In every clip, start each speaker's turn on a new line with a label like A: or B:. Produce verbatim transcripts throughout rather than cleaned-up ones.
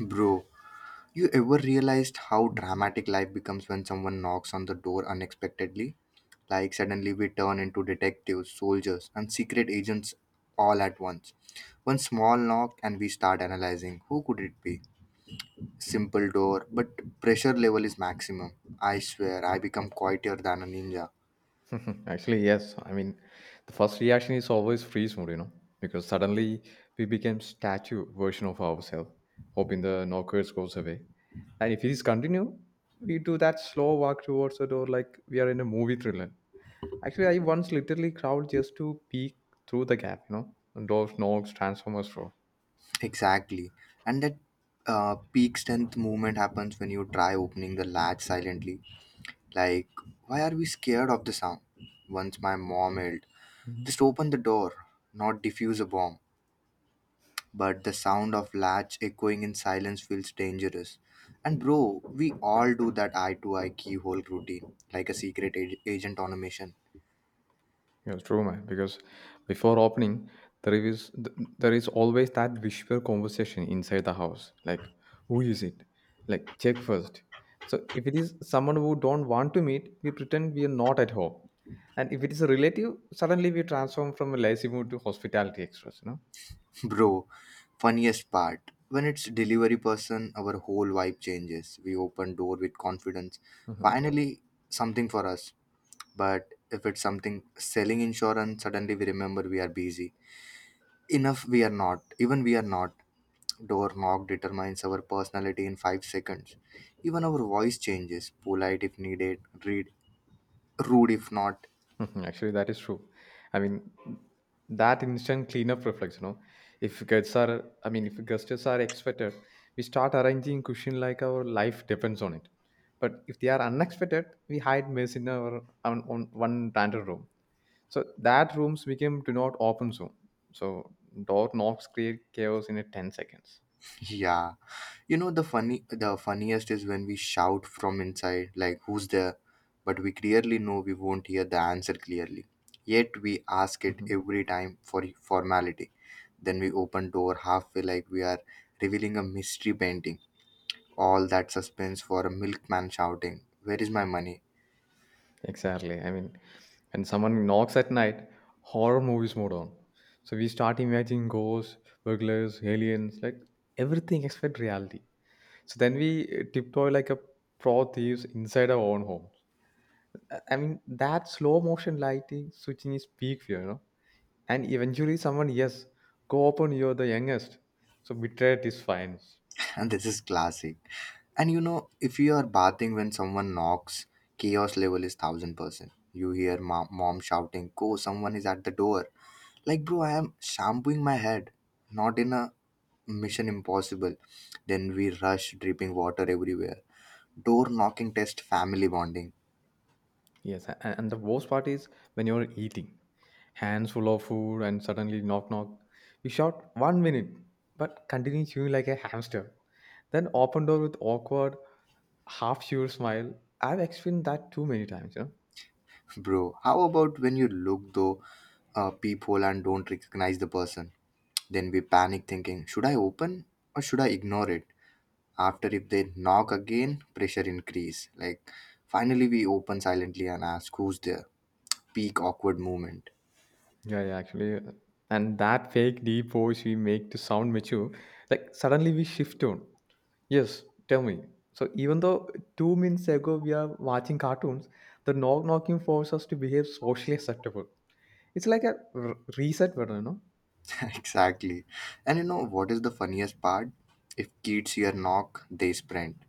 A: Bro, you ever realized how dramatic life becomes when someone knocks on the door unexpectedly? Like, suddenly we turn into detectives, soldiers, and secret agents all at once. One small knock, and we start analyzing who could it be? Simple door, but pressure level is maximum. I swear, I become quieter than a ninja.
B: Actually, yes. I mean, the first reaction is always freeze mode, you know, because suddenly we became statue version of ourselves, hoping the knockers goes away. And if it is continue, we do that slow walk towards the door like we are in a movie thriller. Actually, I once literally crawled just to peek through the gap, you know, and doors, knocks, transformers roar.
A: Exactly. And that uh, peak strength movement happens when you try opening the latch silently. Like, why are we scared of the sound? Once my mom yelled, just open the door, not defuse a bomb. But the sound of latch echoing in silence feels dangerous. And bro, we all do that eye to eye keyhole routine, like a secret ag- agent on a mission.
B: Yes, true, man. Because before opening, there is th- there is always that whisper conversation inside the house. Like, who is it? Like, check first. So if it is someone who don't want to meet, we pretend we are not at home. And if it is a relative, suddenly we transform from a lazy mood to hospitality extras. You know.
A: Bro, funniest part when it's delivery person, our whole vibe changes. We open door with confidence.
B: Mm-hmm.
A: Finally, something for us. But if it's something selling insurance, suddenly we remember we are busy enough, we are not. Even we are not. Door knock determines our personality in five seconds. Even our voice changes. Polite if needed, read, rude if not.
B: Mhm. Actually, that is true. I mean, that instant cleanup reflex, you know, if guests are, I mean, if guests are expected, we start arranging cushion like our life depends on it. But if they are unexpected, we hide mess in our on, on one random room. So that rooms became do not open zone. So door knocks create chaos in a ten seconds.
A: Yeah. You know the funny the funniest is when we shout from inside like who's there? But we clearly know we won't hear the answer clearly. Yet we ask it every time for formality. Then we open door halfway like we are revealing a mystery painting. All that suspense for a milkman shouting, where is my money?
B: Exactly. I mean, when someone knocks at night, horror movies mode on. So we start imagining ghosts, burglars, aliens, like everything except reality. So then we uh, tiptoe like a pro thieves inside our own homes. I I mean, that slow motion lighting switching is peak fear, you know. And eventually, someone, yes, go open, you're the youngest. So betrayed is fine.
A: And this is classic. And you know, if you are bathing when someone knocks, chaos level is thousand percent. You hear mom, mom shouting, go, someone is at the door. Like, bro, I am shampooing my head, not in a mission impossible. Then we rush, dripping water everywhere. Door knocking test, family bonding.
B: Yes, a- a- and the worst part is when you're eating, hands full of food, and suddenly knock knock. You shout one minute, but continue chewing like a hamster. Then open door with awkward, half sure smile. I've experienced that too many times. You know?
A: Bro, how about when you look though a peephole and don't recognize the person? Then we panic thinking, should I open or should I ignore it? After if they knock again, pressure increase. Like finally we open silently and ask who's there. Peak awkward moment.
B: Yeah, yeah, actually, uh, and that fake deep voice we make to sound mature, like suddenly we shift tone. Yes, tell me. So even though two minutes ago we are watching cartoons, the knock knocking forces us to behave socially acceptable. It's like a r- reset button, you know?
A: exactly. And you know what is the funniest part? If kids hear knock, they sprint.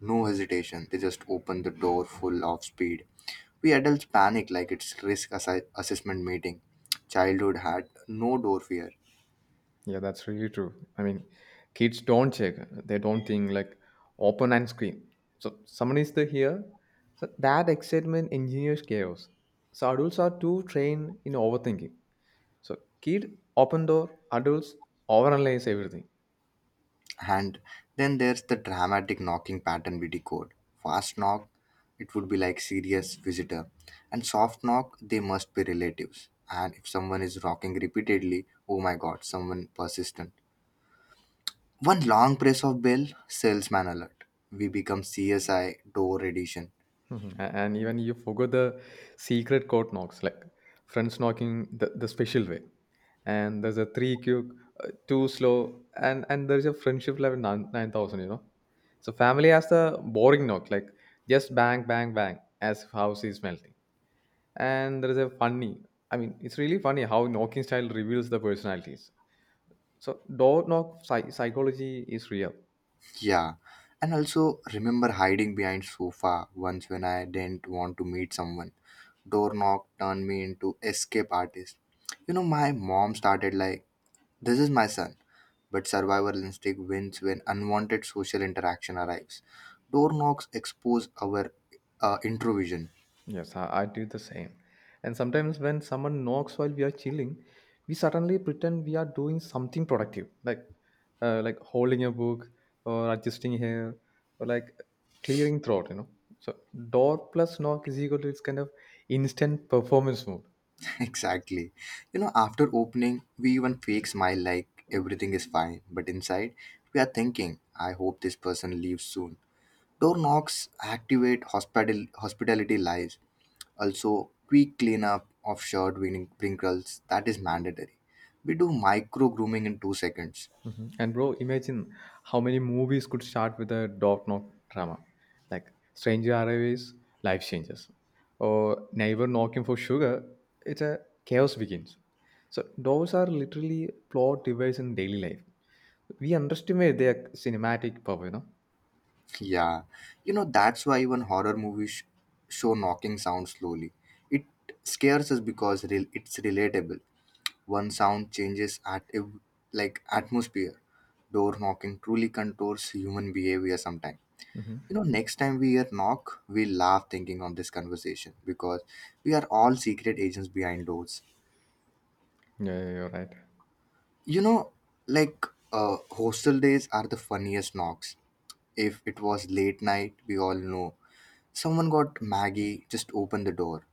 A: No hesitation. They just open the door full of speed. We adults panic like it's risk assi- assessment meeting. Childhood had no door fear.
B: Yeah, that's really true. I mean, kids don't check. They don't think like open and scream. So someone is the here. So that excitement engineers chaos. So adults are too trained in overthinking. So kid open door, adults overanalyze everything.
A: And then there's the dramatic knocking pattern we decode. Fast knock, it would be like serious visitor. And soft knock, they must be relatives. And if someone is knocking repeatedly, oh my god, someone persistent. One long press of bell, salesman alert. We become C S I door edition.
B: Mhm. A- And even you forgot the secret code knocks, like friends knocking the, the special way. And there's a three quick, uh, too slow, and and there's a friendship level nine nine thousand. You know, so family has the boring knock, like just bang bang bang, as if house is melting. And there's a funny. I mean, it's really funny how knocking style reveals the personalities. So door knock psy- psychology is real.
A: Yeah. And also remember hiding behind sofa once when I didn't want to meet someone. Door knock turned me into escape artist. You know, my mom started like this is my son. But survival instinct wins when unwanted social interaction arrives. Door knocks expose our uh, introvision.
B: Yes, I, I do the same. And sometimes when someone knocks while we are chilling, we suddenly pretend we are doing something productive, like uh, like holding a book or adjusting hair or like clearing throat. You know, so door plus knock is equal to its kind of instant performance mode.
A: exactly. You know, after opening, we even fake smile like everything is fine. But inside, we are thinking, I hope this person leaves soon. Door knocks activate hospital hospitality lies. Also, quick cleanup of shirt wrinkles that is mandatory. We do micro grooming in two seconds.
B: Mhm. And bro, imagine how many movies could start with a dog knock drama, like Stranger Arrivals, Life Changes, or Neighbor Knocking for Sugar. It's a chaos begins. So those are literally plot devices in daily life. We underestimate their cinematic power, you know.
A: Yeah, you know, that's why even horror movies sh- show knocking sound slowly. It scares us because re- it's relatable. One sound changes at ev- like atmosphere. Door knocking truly contours human behavior sometimes.
B: Mhm.
A: You know, next time we hear knock, we laugh thinking on this conversation because we are all secret agents behind doors.
B: Yeah, yeah, you're right.
A: You know, like uh, hostel days are the funniest knocks. If it was late night, we all know someone got Maggie, just opened the door.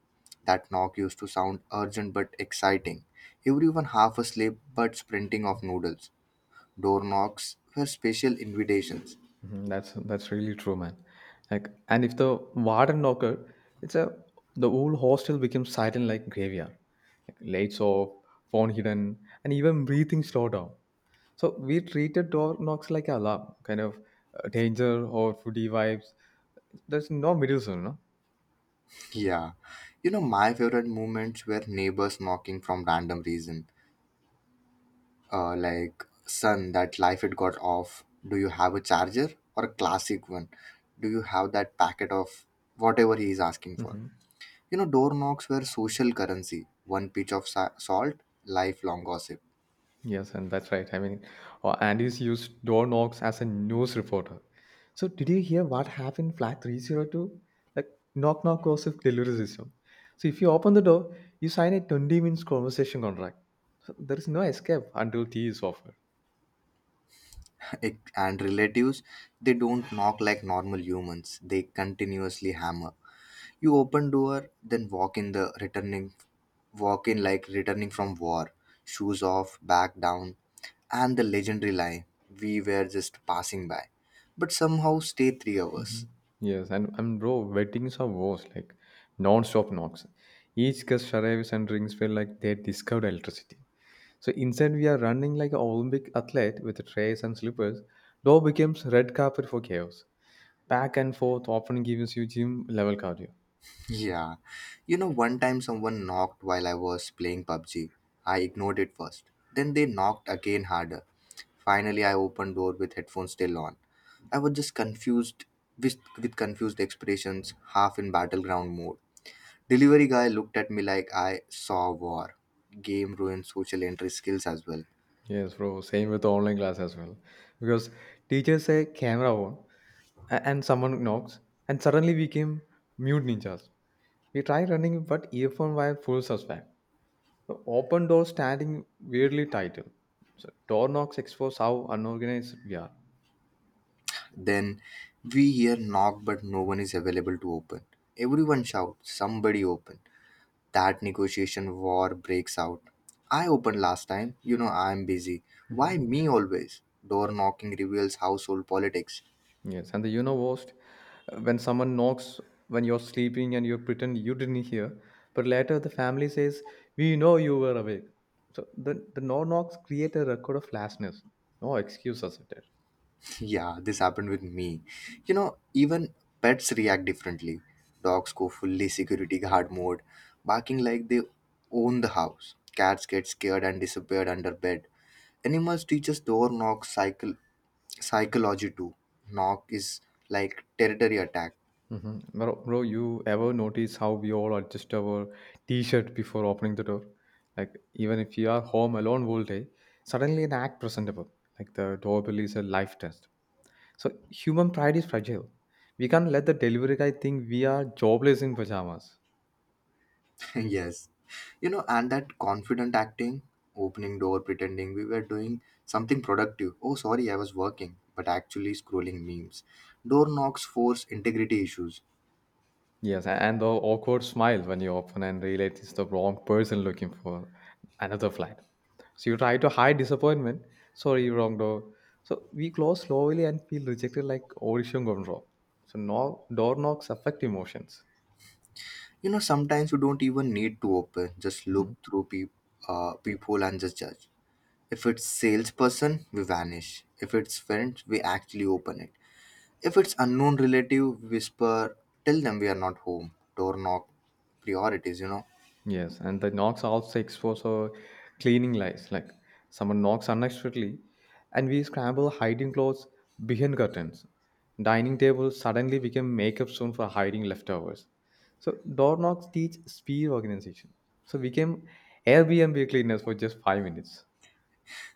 A: That knock used to sound urgent but exciting. Everyone half asleep but sprinting off noodles. Door knocks were special invitations.
B: Mhm. That's that's really true, man. Like, and if the warden knocker, it's a the whole hostel becomes silent like graveyard. Like lights off, phone hidden, and even breathing slowed down. So we treated door knocks like alarm, kind of uh, danger or foodie vibes. There's no middle zone, no.
A: Yeah. You know, my favorite moments were neighbors knocking from random reason. Uh, like, son, that life it got off. Do you have a charger or a classic one? Do you have that packet of whatever he is asking for?
B: Mhm.
A: You know, door knocks were social currency. One pinch of sa- salt, lifelong gossip.
B: Yes, and that's right. I mean, uh, Andy's used door knocks as a news reporter. So, did you hear what happened in flat three oh two? Like, knock knock gossip delivery system. So, if you open the door, you sign a twenty minutes conversation contract. So, there is no escape until tea is offered.
A: It- and relatives, they don't knock like normal humans. They continuously hammer. You open door, then walk in the returning, walk in like returning from war. Shoes off, back down, and the legendary line, "We were just passing by," but somehow stay three hours.
B: Mhm. Yes, and, and bro, weddings are worse, like non stop knocks. Each guest arrives and rings feel like they discovered electricity. So instead, we are running like an Olympic athlete with trays and slippers. Door becomes red carpet for chaos. Back and forth often gives you gym level cardio.
A: Yeah. You know, one time someone knocked while I was playing pub g. I ignored it first. Then they knocked again harder. Finally, I opened door with headphones still on. I was just confused with, with confused expressions, half in battleground mode. Delivery guy looked at me like I saw war. Game ruined social entry skills as well.
B: Yes, bro. Same with online class as well. Because teachers say camera on, a- and someone knocks, and suddenly we became mute ninjas. We try running, but earphone wire pulls us back. So open door standing weirdly tight. So door knocks expose how unorganized we are.
A: Then we hear knock but no one is available to open. Everyone shouts, somebody open. That negotiation war breaks out. I opened last time. You know I'm busy. Why me always? Door knocking reveals household politics.
B: Yes, and the you know worst, uh, when someone knocks when you're sleeping and you pretend you didn't hear, but later the family says, "We know you were awake." So the the no knocks create a record of lastness. No excuse accepted.
A: yeah, this happened with me. You know, even pets react differently. Dogs go fully security guard mode, barking like they own the house. Cats get scared and disappeared under bed. Animals teach us door knock cycle psychology too. Knock is like territory attack.
B: Hmm. Bro, bro, you ever notice how we all adjust our t-shirt before opening the door? Like even if you are home alone all day, suddenly an act presentable. Like the doorbell is a life test. So human pride is fragile. We can't let the delivery guy think we are jobless in pajamas.
A: yes. You know, and that confident acting, opening door, pretending we were doing something productive. Oh, sorry, I was working, but actually scrolling memes. Door knocks force integrity issues.
B: Yes, a- and the awkward smile when you open and realize it's the wrong person looking for another flight. So you try to hide disappointment. Sorry, wrong door. So we close slowly and feel rejected like Orishon Gondro. So no door knocks affect emotions.
A: You know, sometimes you don't even need to open, just look
B: Mm-hmm.
A: through peep, uh, people and just judge. If it's salesperson, we vanish. If it's friend, we actually open it. If it's unknown relative, whisper, tell them we are not home. Door knock priorities, you know.
B: Yes, and the knocks also expose our cleaning lies. Like someone knocks unexpectedly, and we scramble hiding clothes behind curtains. Dining tables suddenly become makeup zone for hiding leftovers. So door knocks teach speed organization. So we became Airbnb cleaners for just five minutes.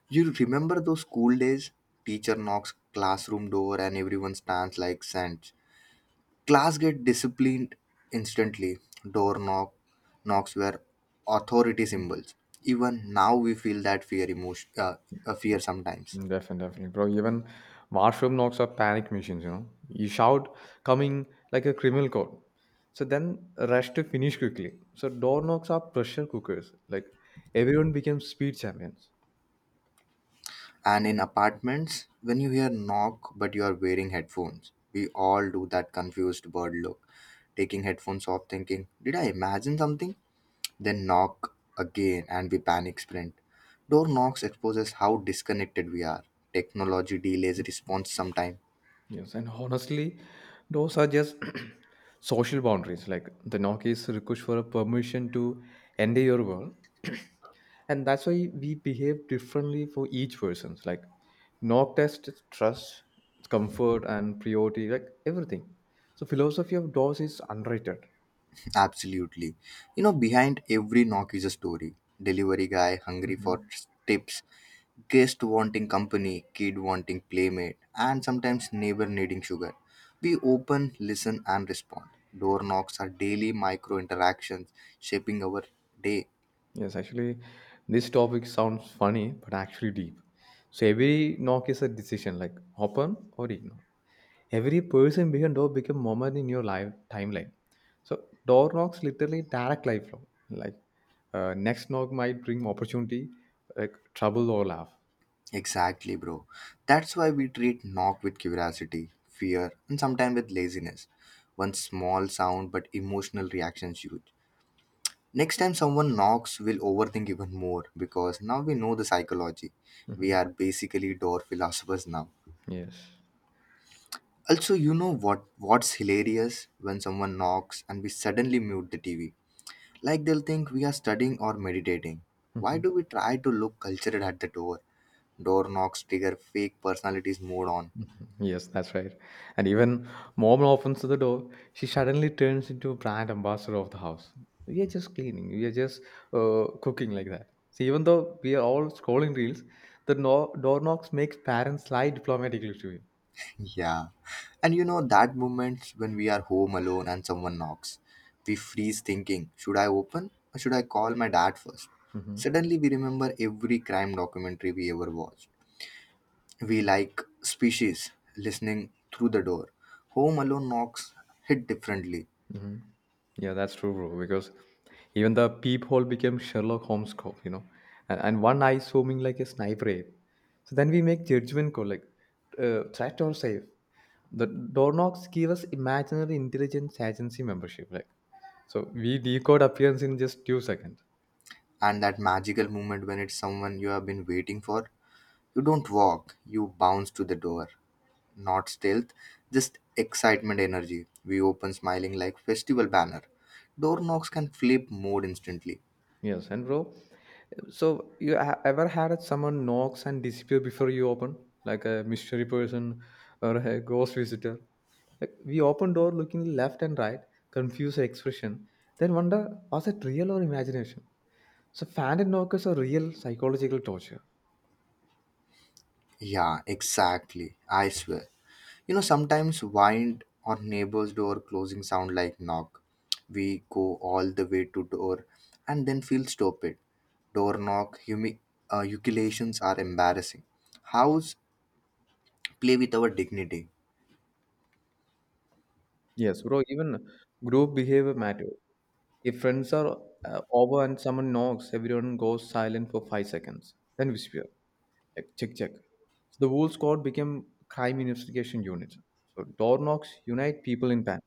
A: You remember those school days? Teacher knocks classroom door and everyone stands like saints. Class get disciplined instantly. Door knock Knocks were authority symbols. Even now we feel that fear emotion uh, uh, fear sometimes.
B: Definitely, definitely, bro. Even washroom knocks are panic machines, you know. You shout, coming like a criminal code. So then rush to finish quickly. So door knocks are pressure cookers. Like everyone becomes speed champions.
A: And in apartments, when you hear knock but you are wearing headphones, we all do that confused bird look, taking headphones off, thinking, "Did I imagine something?" Then knock again and we panic sprint. Door knocks exposes how disconnected we are. Technology delays response sometime.
B: Yes, and honestly, those are just social boundaries. Like the knock is a request for a permission to enter your world. And that's why we behave differently for each person's, like knock test is trust comfort and priority like everything. So philosophy of doors is unrated.
A: Absolutely. You know, behind every knock is a story. Delivery guy hungry for
B: Mhm.
A: tips, guest wanting company, kid wanting playmate, and sometimes neighbor needing sugar. We open, listen, and respond. Door knocks are daily micro interactions shaping our day.
B: Yes, actually, this topic sounds funny but actually deep. So every knock is a decision, like open or ignore. Every person behind door become moment in your life timeline. So door knocks literally direct lifelong, like uh, next knock might bring opportunity, like trouble or laugh.
A: Exactly, bro. That's why we treat knock with curiosity, fear, and sometimes with laziness. One small sound but emotional reaction is huge. Next time someone knocks, we'll overthink even more because now we know the psychology. We
B: Mhm.
A: are basically door philosophers now.
B: Yes.
A: Also, you know what what's hilarious when someone knocks and we suddenly mute the T V. Like they'll think we are studying or meditating. Why
B: Mhm.
A: do we try to look cultured at the door? Door knocks trigger fake personalities mode on.
B: Yes, that's right. And even mom opens the door, she suddenly turns into a brand ambassador of the house. We are just cleaning, we are just uh, cooking like that. So even though we are all scrolling reels, the no- door knocks makes parents lie diplomatically to
A: Yeah. And you know, that moment when we are home alone and someone knocks, we freeze thinking, should I open or should I call my dad first?
B: you.
A: Suddenly, we remember every crime documentary we ever watched. We like species listening through the door. Home alone knocks hit differently.
B: Mhm. Yeah, that's true, bro. Because even the peephole became Sherlock Holmes cop, you know, and, and one eye zooming like a sniper ape. So then we make judgment call like uh, threat or safe. The door knocks give us imaginary intelligence agency membership, like so we decode appearance in just two seconds.
A: And that magical moment when it's someone you have been waiting for, you don't walk, you bounce to the door. Not stealth, just excitement energy. We open smiling like festival banner. Door knocks can flip mood instantly.
B: Yes, and bro, so you ha- ever had someone knocks and disappear before you open, like a mystery person or a ghost visitor? Like we open door looking left and right, confused expression, then wonder was it real or imagination? So phantom knockers are real psychological torture.
A: Yeah, exactly. I swear. You know, sometimes wind or neighbor's door closing sound like knock. We go all the way to door and then feel stupid. Door knock, humi- uh, ejaculations are embarrassing. House, play with our dignity.
B: Yes, bro, even group behavior matter. If friends are uh, over and someone knocks, everyone goes silent for five seconds, then whisper. Check, check, check. So the whole squad became crime investigation unit. So door knocks unite people in panic.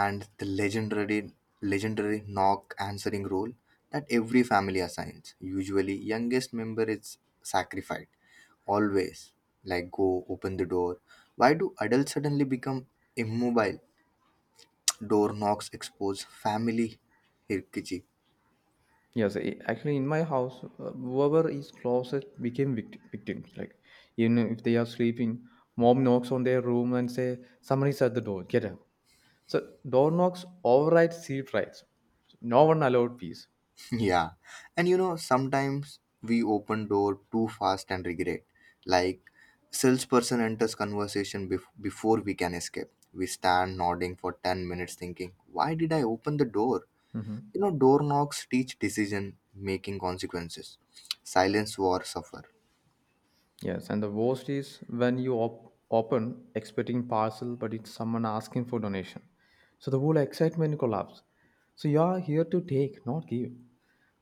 A: And the legendary legendary knock answering role that every family assigns. Usually youngest member is sacrificed. Always like go open the door. Why do adults suddenly become immobile? Door knocks expose family hierarchy.
B: Yes, i- actually, in my house, uh, whoever is closest became vict- victims. Like, even if they are sleeping, mom knocks on their room and say, "Someone is at the door. Get up." So door knocks override seat rights. So no one allowed peace.
A: Yeah. And you know, sometimes we open door too fast and regret. Like salesperson enters conversation bef- before we can escape. We stand nodding for ten minutes thinking, why did I open the door?
B: Mm-hmm.
A: You know, door knocks teach decision making consequences. Silence war suffer.
B: Yes, and the worst is when you op- open expecting parcel, but it's someone asking for donation. So the whole excitement collapse. So you are here to take, not give.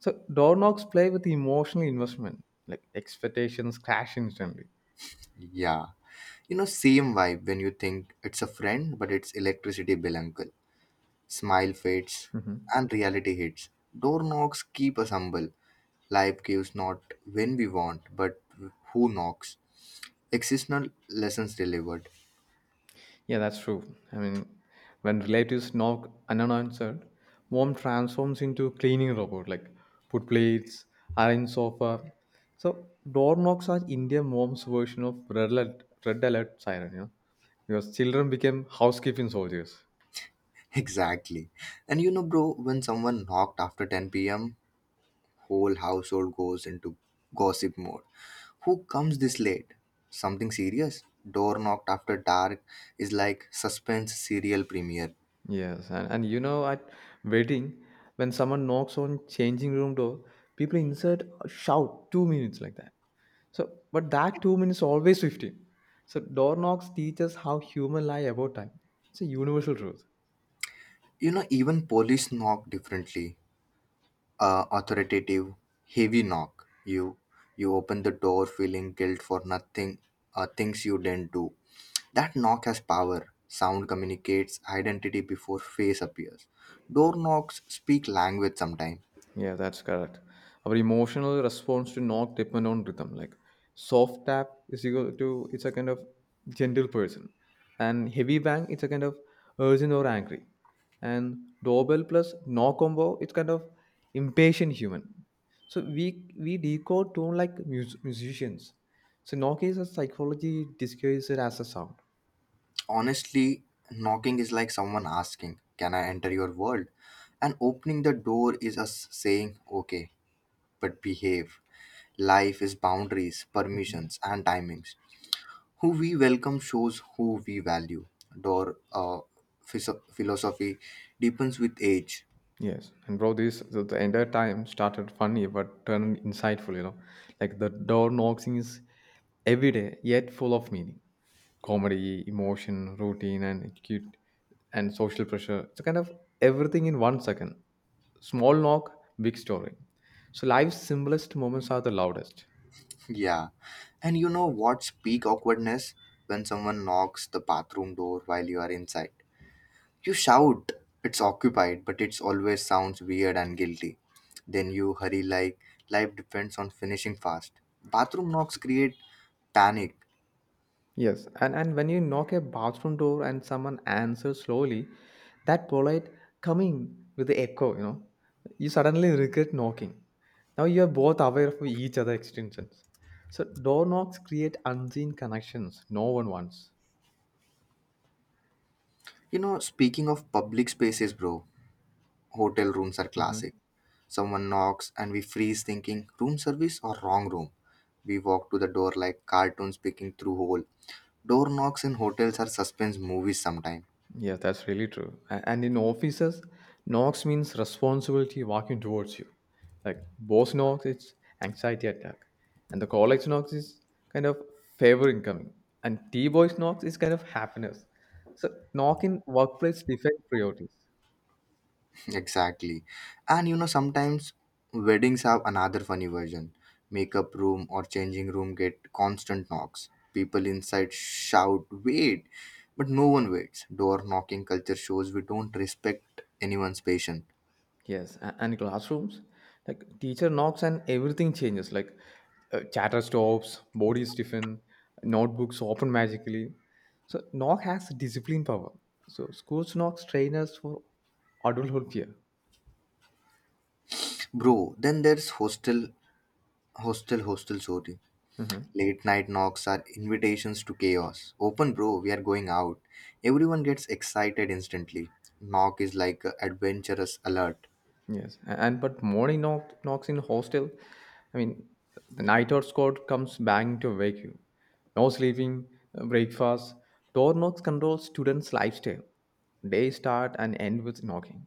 B: So door knocks play with emotional investment, like expectations crash instantly.
A: Yeah. You know, same vibe when you think it's a friend, but it's electricity bill uncle. Smile fades and reality hits. Door knocks keep us humble. Life gives not when we want, but who knocks. Existential lessons delivered.
B: Yeah, that's true. I mean, when relatives knock unanswered, mom transforms into cleaning robot, like put plates, arrange sofa. So door knocks are Indian mom's version of red alert, red alert siren, you know, because children became housekeeping soldiers.
A: Exactly. And you know, bro, when someone knocked after ten p m, whole household goes into gossip mode. Who comes this late? Something serious? Door knocked after dark is like suspense serial premiere.
B: Yes, and, and you know, at wedding, when someone knocks on changing room door, people insert a shout two minutes like that. So, but that two minutes always fifteen. So, door knocks teach us how human lie about time. It's a universal truth.
A: You know, even police knock differently. Uh, authoritative, heavy knock. You you open the door feeling guilt for nothing, uh, things you didn't do. That knock has power. Sound communicates identity before face appears. Door knocks speak language sometimes.
B: Yeah, that's correct. Our emotional response to knock depend on rhythm. Like soft tap is equal to it's a kind of gentle person, and heavy bang it's a kind of urgent or angry, and doorbell plus knock combo it's kind of impatient human. So we we decode tone like mus- musicians. So knock is a psychology disguised as a sound.
A: Honestly, knocking is like someone asking, "Can I enter your world?" And opening the door is us saying, "Okay, but behave." Life is boundaries, permissions, and timings. Who we welcome shows who we value. Door uh, phys- philosophy deepens with age.
B: Yes, and bro, this the, the entire time started funny but turned insightful. You know, like the door knocking is every day yet full of meaning, comedy, emotion, routine, and acute and social pressure. It's kind of everything in one second. Small knock, big story. So life's simplest moments are the loudest.
A: Yeah. And you know what's peak awkwardness? When someone knocks the bathroom door while you are inside. You shout, it's occupied, but it always sounds weird and guilty. Then you hurry like life depends on finishing fast. Bathroom knocks create panic.
B: Yes, and, and when you knock a bathroom door and someone answers slowly, that polite coming with the echo, you know, you suddenly regret knocking. Now you are both aware of each other' extensions. So door knocks create unseen connections no one wants.
A: You know, speaking of public spaces, bro, hotel rooms are classic. Someone knocks and we freeze thinking room service or wrong room. We walk to the door like cartoons picking through hole. Door knocks in hotels are suspense movies sometimes.
B: Yeah, that's really true. A- And in offices, knocks means responsibility walking towards you. Like boss knocks, it's anxiety attack. And the college knocks is kind of favor incoming. And T boys knocks is kind of happiness. So knock in workplace defect priorities.
A: Exactly. And you know sometimes weddings have another funny version. Makeup room or changing room get constant knocks. People inside shout wait, but no one waits. Door knocking culture shows we don't respect anyone's patience.
B: Yes, a- and classrooms, like teacher knocks and everything changes. Like uh, chatter stops, body stiffen, notebooks open magically. So knock has discipline power. So schools knocks train us for adulthood fear.
A: Bro, then there's hostel hostel hostel sorry.
B: Mhm.
A: Late night knocks are invitations to chaos. Open, bro, we are going out. Everyone gets excited instantly. Knock is like a adventurous alert.
B: Yes, a- and but morning knock knocks in hostel. I mean, the night out squad comes banging to wake you. No sleeping, uh, breakfast. Door knocks control students' lifestyle. They start and end with knocking.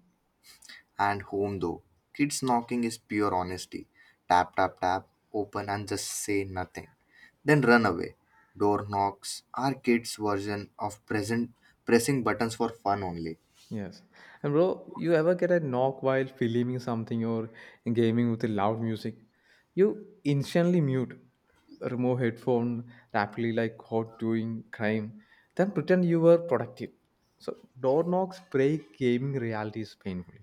A: And home, though. Kids knocking is pure honesty. Tap, tap, tap, open and just say nothing. Then run away. Door knocks are kids' version of present pressing buttons for fun only.
B: Yes. And bro, you ever get a knock while filming something or gaming with the loud music? You instantly mute, remove headphone rapidly like hot doing crime, then pretend you were productive. So door knocks break gaming realities painfully.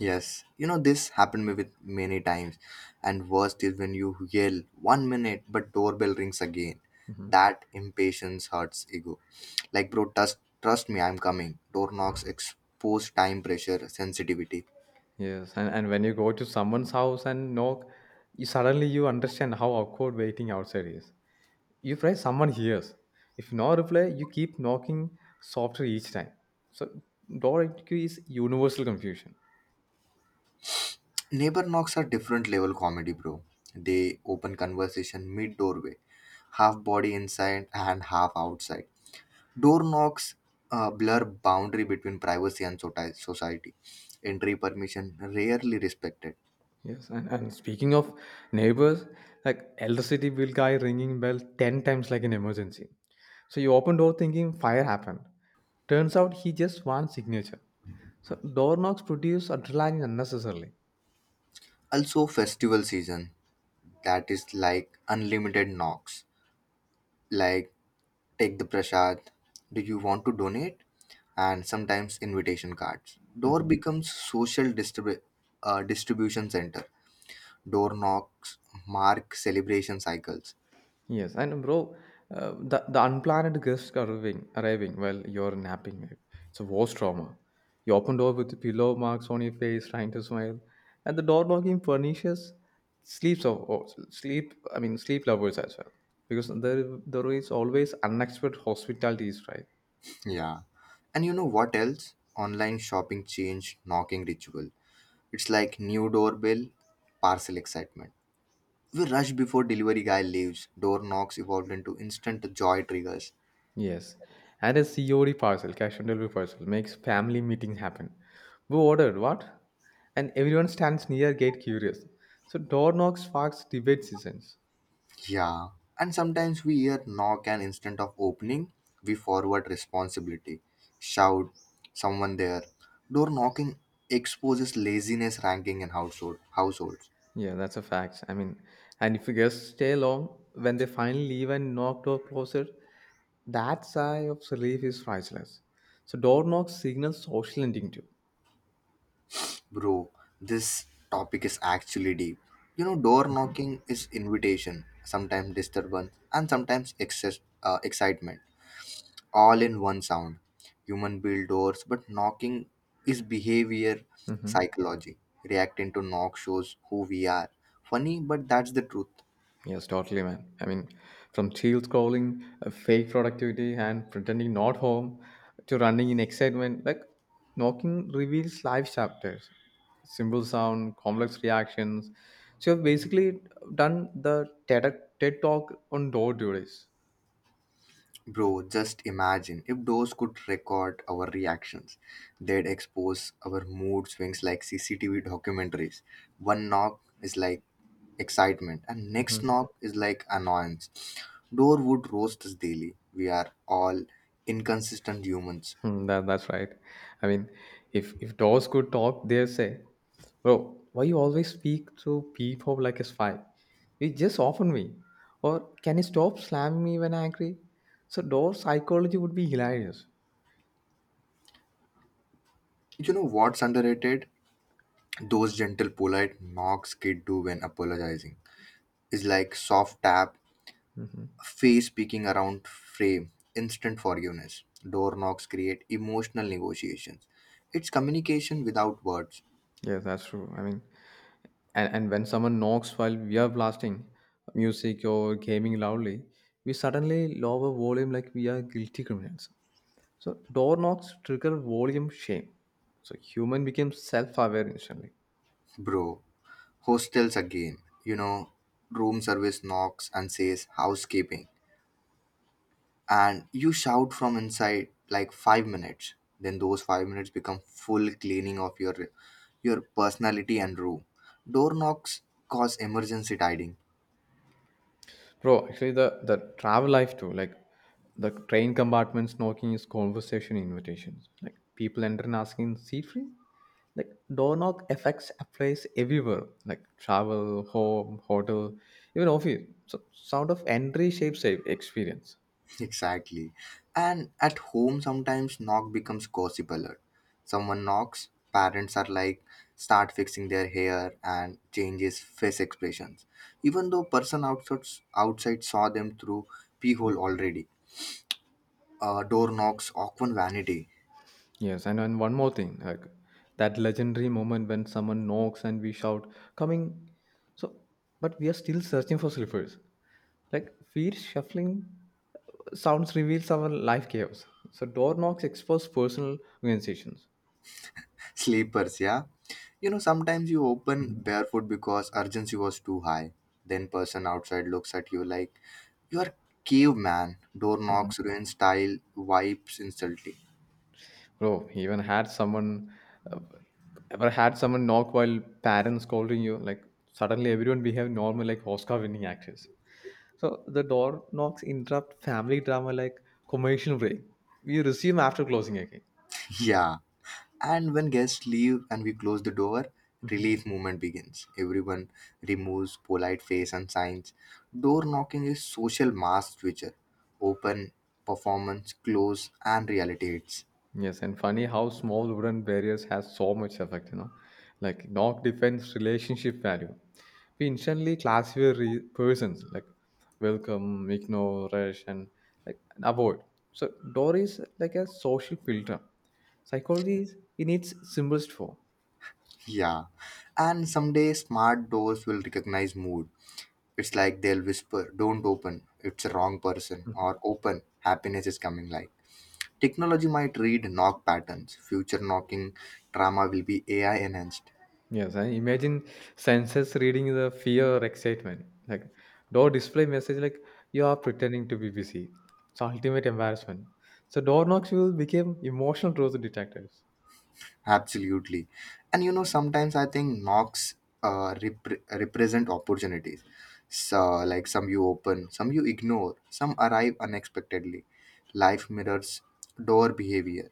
A: Yes, you know this happened me with many times, and worst is when you yell one minute but doorbell rings again.
B: Mhm.
A: That impatience hurts ego. Like bro, trust trust me, I'm coming. Door knocks expose time pressure, sensitivity.
B: Yes, and, and when you go to someone's house and knock, you suddenly you understand how awkward waiting outside is. You right, someone hears. If no reply, you keep knocking softer each time. So door I Q is universal confusion.
A: Neighbor knocks are different level comedy, bro. They open conversation mid doorway, half body inside and half outside. Door knocks uh, blur boundary between privacy and soti- society. Entry permission rarely respected.
B: Yes, and, and speaking of neighbors, like electricity bill guy ringing bell ten times like an emergency. So you open door thinking fire happened. Turns out he just wants signature. So door knocks produce adrenaline unnecessarily.
A: Also festival season, that is like unlimited knocks, like take the prasad. Do you want to donate, and sometimes invitation cards door
B: Mhm.
A: becomes social distribu- uh, distribution center. Door knocks mark celebration cycles.
B: Yes, and bro, uh, the the unplanned guest arriving arriving while you're napping, like, it's a worst trauma. You open door with pillow marks on your face, trying to smile, and the door knocking furnishes sleeps of or sleep. I mean sleep lovers as well, because there there is always unexpected hospitalities, right?
A: Yeah, and you know what else, online shopping changed knocking ritual. It's like new doorbell, parcel excitement, we rush before delivery guy leaves. Door knocks evolved into instant joy triggers.
B: Yes, and a C O D parcel, cash on delivery parcel, makes family meetings happen. We ordered what? And everyone stands near gate curious. So door knocks sparks debate seasons.
A: Yeah, and sometimes we hear knock and instant of opening, we forward responsibility, shout, someone there. Door knocking exposes laziness ranking in household households.
B: Yeah, that's a fact. I mean, and if you guests stay long, when they finally leave and knock door closer, that sigh of relief is priceless. So door knocks signal social ending too.
A: Bro, this topic is actually deep. You know, door knocking is invitation, sometimes disturbance, and sometimes excess uh, excitement. All in one sound. Human build doors, but knocking is behavior
B: Hmm.
A: psychology. Reacting to knock shows who we are. Funny, but that's the truth.
B: Yes, totally, man. I mean, from chill scrolling, uh, fake productivity, and pretending not home, to running in excitement, like knocking reveals life chapters, simple sound, complex reactions. So you've basically done the T E D, T E D talk on door duties.
A: Bro, just imagine if doors could record our reactions. They'd expose our mood swings like C C T V documentaries. One knock is like excitement, and next knock is like annoyance. Door would roast us daily. We are all inconsistent humans.
B: Hmm, that, that's right. I mean, if if dogs could talk, they'll say, "Bro, why you always speak to people like a spy? You just offer me, or can you stop slamming me when angry?" So dog psychology would be hilarious.
A: You know what's underrated? Those gentle, polite knocks kids do when apologizing is like soft tap,
B: Hmm.
A: face peeking around frame, instant forgiveness. Door knocks create emotional negotiations. It's communication without words,
B: Yeah, that's true. I mean, and, and when someone knocks while we are blasting music or gaming loudly, we suddenly lower volume like we are guilty criminals. So door knocks trigger volume shame. So human becomes self-aware instantly.
A: bro. Hostels again, you know, room service knocks and says housekeeping, and you shout from inside like five minutes. Then those five minutes become full cleaning of your your personality and room. Door knocks cause emergency tiding.
B: Bro, actually the the travel life too, like the train compartments knocking is conversation invitations. Like people enter and asking seat free. Like door knock affects applies everywhere. Like travel, home, hotel, even office. So sound of entry shapes the experience.
A: Exactly. And at home, sometimes knock becomes gossip alert. Someone knocks, parents are like, start fixing their hair and changes face expressions. Even though person outside, outside saw them through peephole already. Uh, door knocks, awkward vanity.
B: Yes, and, and one more thing, like that legendary moment when someone knocks and we shout, coming. So, but we are still searching for slippers. Like feet shuffling uh, sounds reveals our life chaos. So door knocks expose personal organizations.
A: Sleepers, yeah. You know, sometimes you open
B: Mhm.
A: barefoot because urgency was too high. Then person outside looks at you like, you are caveman. Door
B: Mhm.
A: knocks, ruins style, wipes, insulting.
B: Bro, even had someone uh, ever had someone knock while parents scolding you, like suddenly everyone behave normal like Oscar winning actors. So the door knocks interrupt family drama like commercial break. We resume after closing again.
A: Yeah. And when guests leave and we close the door,
B: Mhm.
A: relief movement begins. Everyone removes polite face and signs. Door knocking is social mass switcher. Open, performance, close, and reality hits.
B: Yes, and funny how small wooden barriers has so much effect, you know, like knock defense relationship value. We instantly classify re- persons like welcome, ignore, rush, and like and avoid. So door is like a social filter. Psychology is in its simplest form.
A: Yeah. And someday smart doors will recognize mood. It's like they'll whisper, don't open, it's a wrong person, or open, happiness is coming like. Technology might read knock patterns. Future knocking trauma will be A I enhanced.
B: Yes, and imagine senses reading the fear or excitement. Like, door display message like you are pretending to be busy. It's ultimate embarrassment. So door knocks will become emotional truth detectors.
A: Absolutely. And you know, sometimes I think knocks uh, repre- represent opportunities. So, like some you open, some you ignore, some arrive unexpectedly. Life mirrors door behavior.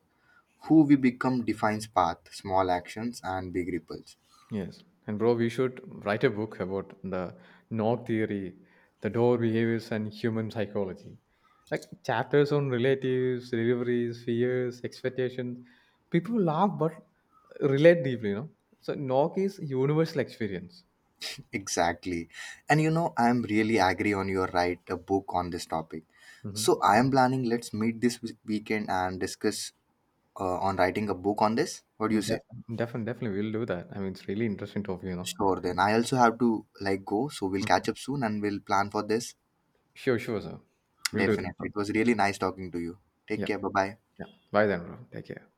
A: Who we become defines path, small actions, and big ripples.
B: Yes, and bro, we should write a book about the knock theory, the door behaviors, and human psychology. Like chapters on relatives, deliveries, fears, expectations. People laugh but relate deeply. You know, so knock is universal experience.
A: Exactly. And you know, I'm really agree on your write a book on this topic. So,
B: Mhm.
A: I am planning, let's meet this weekend and discuss uh, on writing a book on this. What do you say?
B: Definitely, definitely, definitely, we'll do that. I mean, it's really interesting talk, you know.
A: Sure, then I also have to like go, so we'll
B: Mhm.
A: catch up soon and we'll plan for this.
B: Sure, sure, sir. We'll do that.
A: Definitely. It was really nice talking to you. Take
B: Yeah,
A: care. Bye bye.
B: yeah. Bye then, bro. Take care.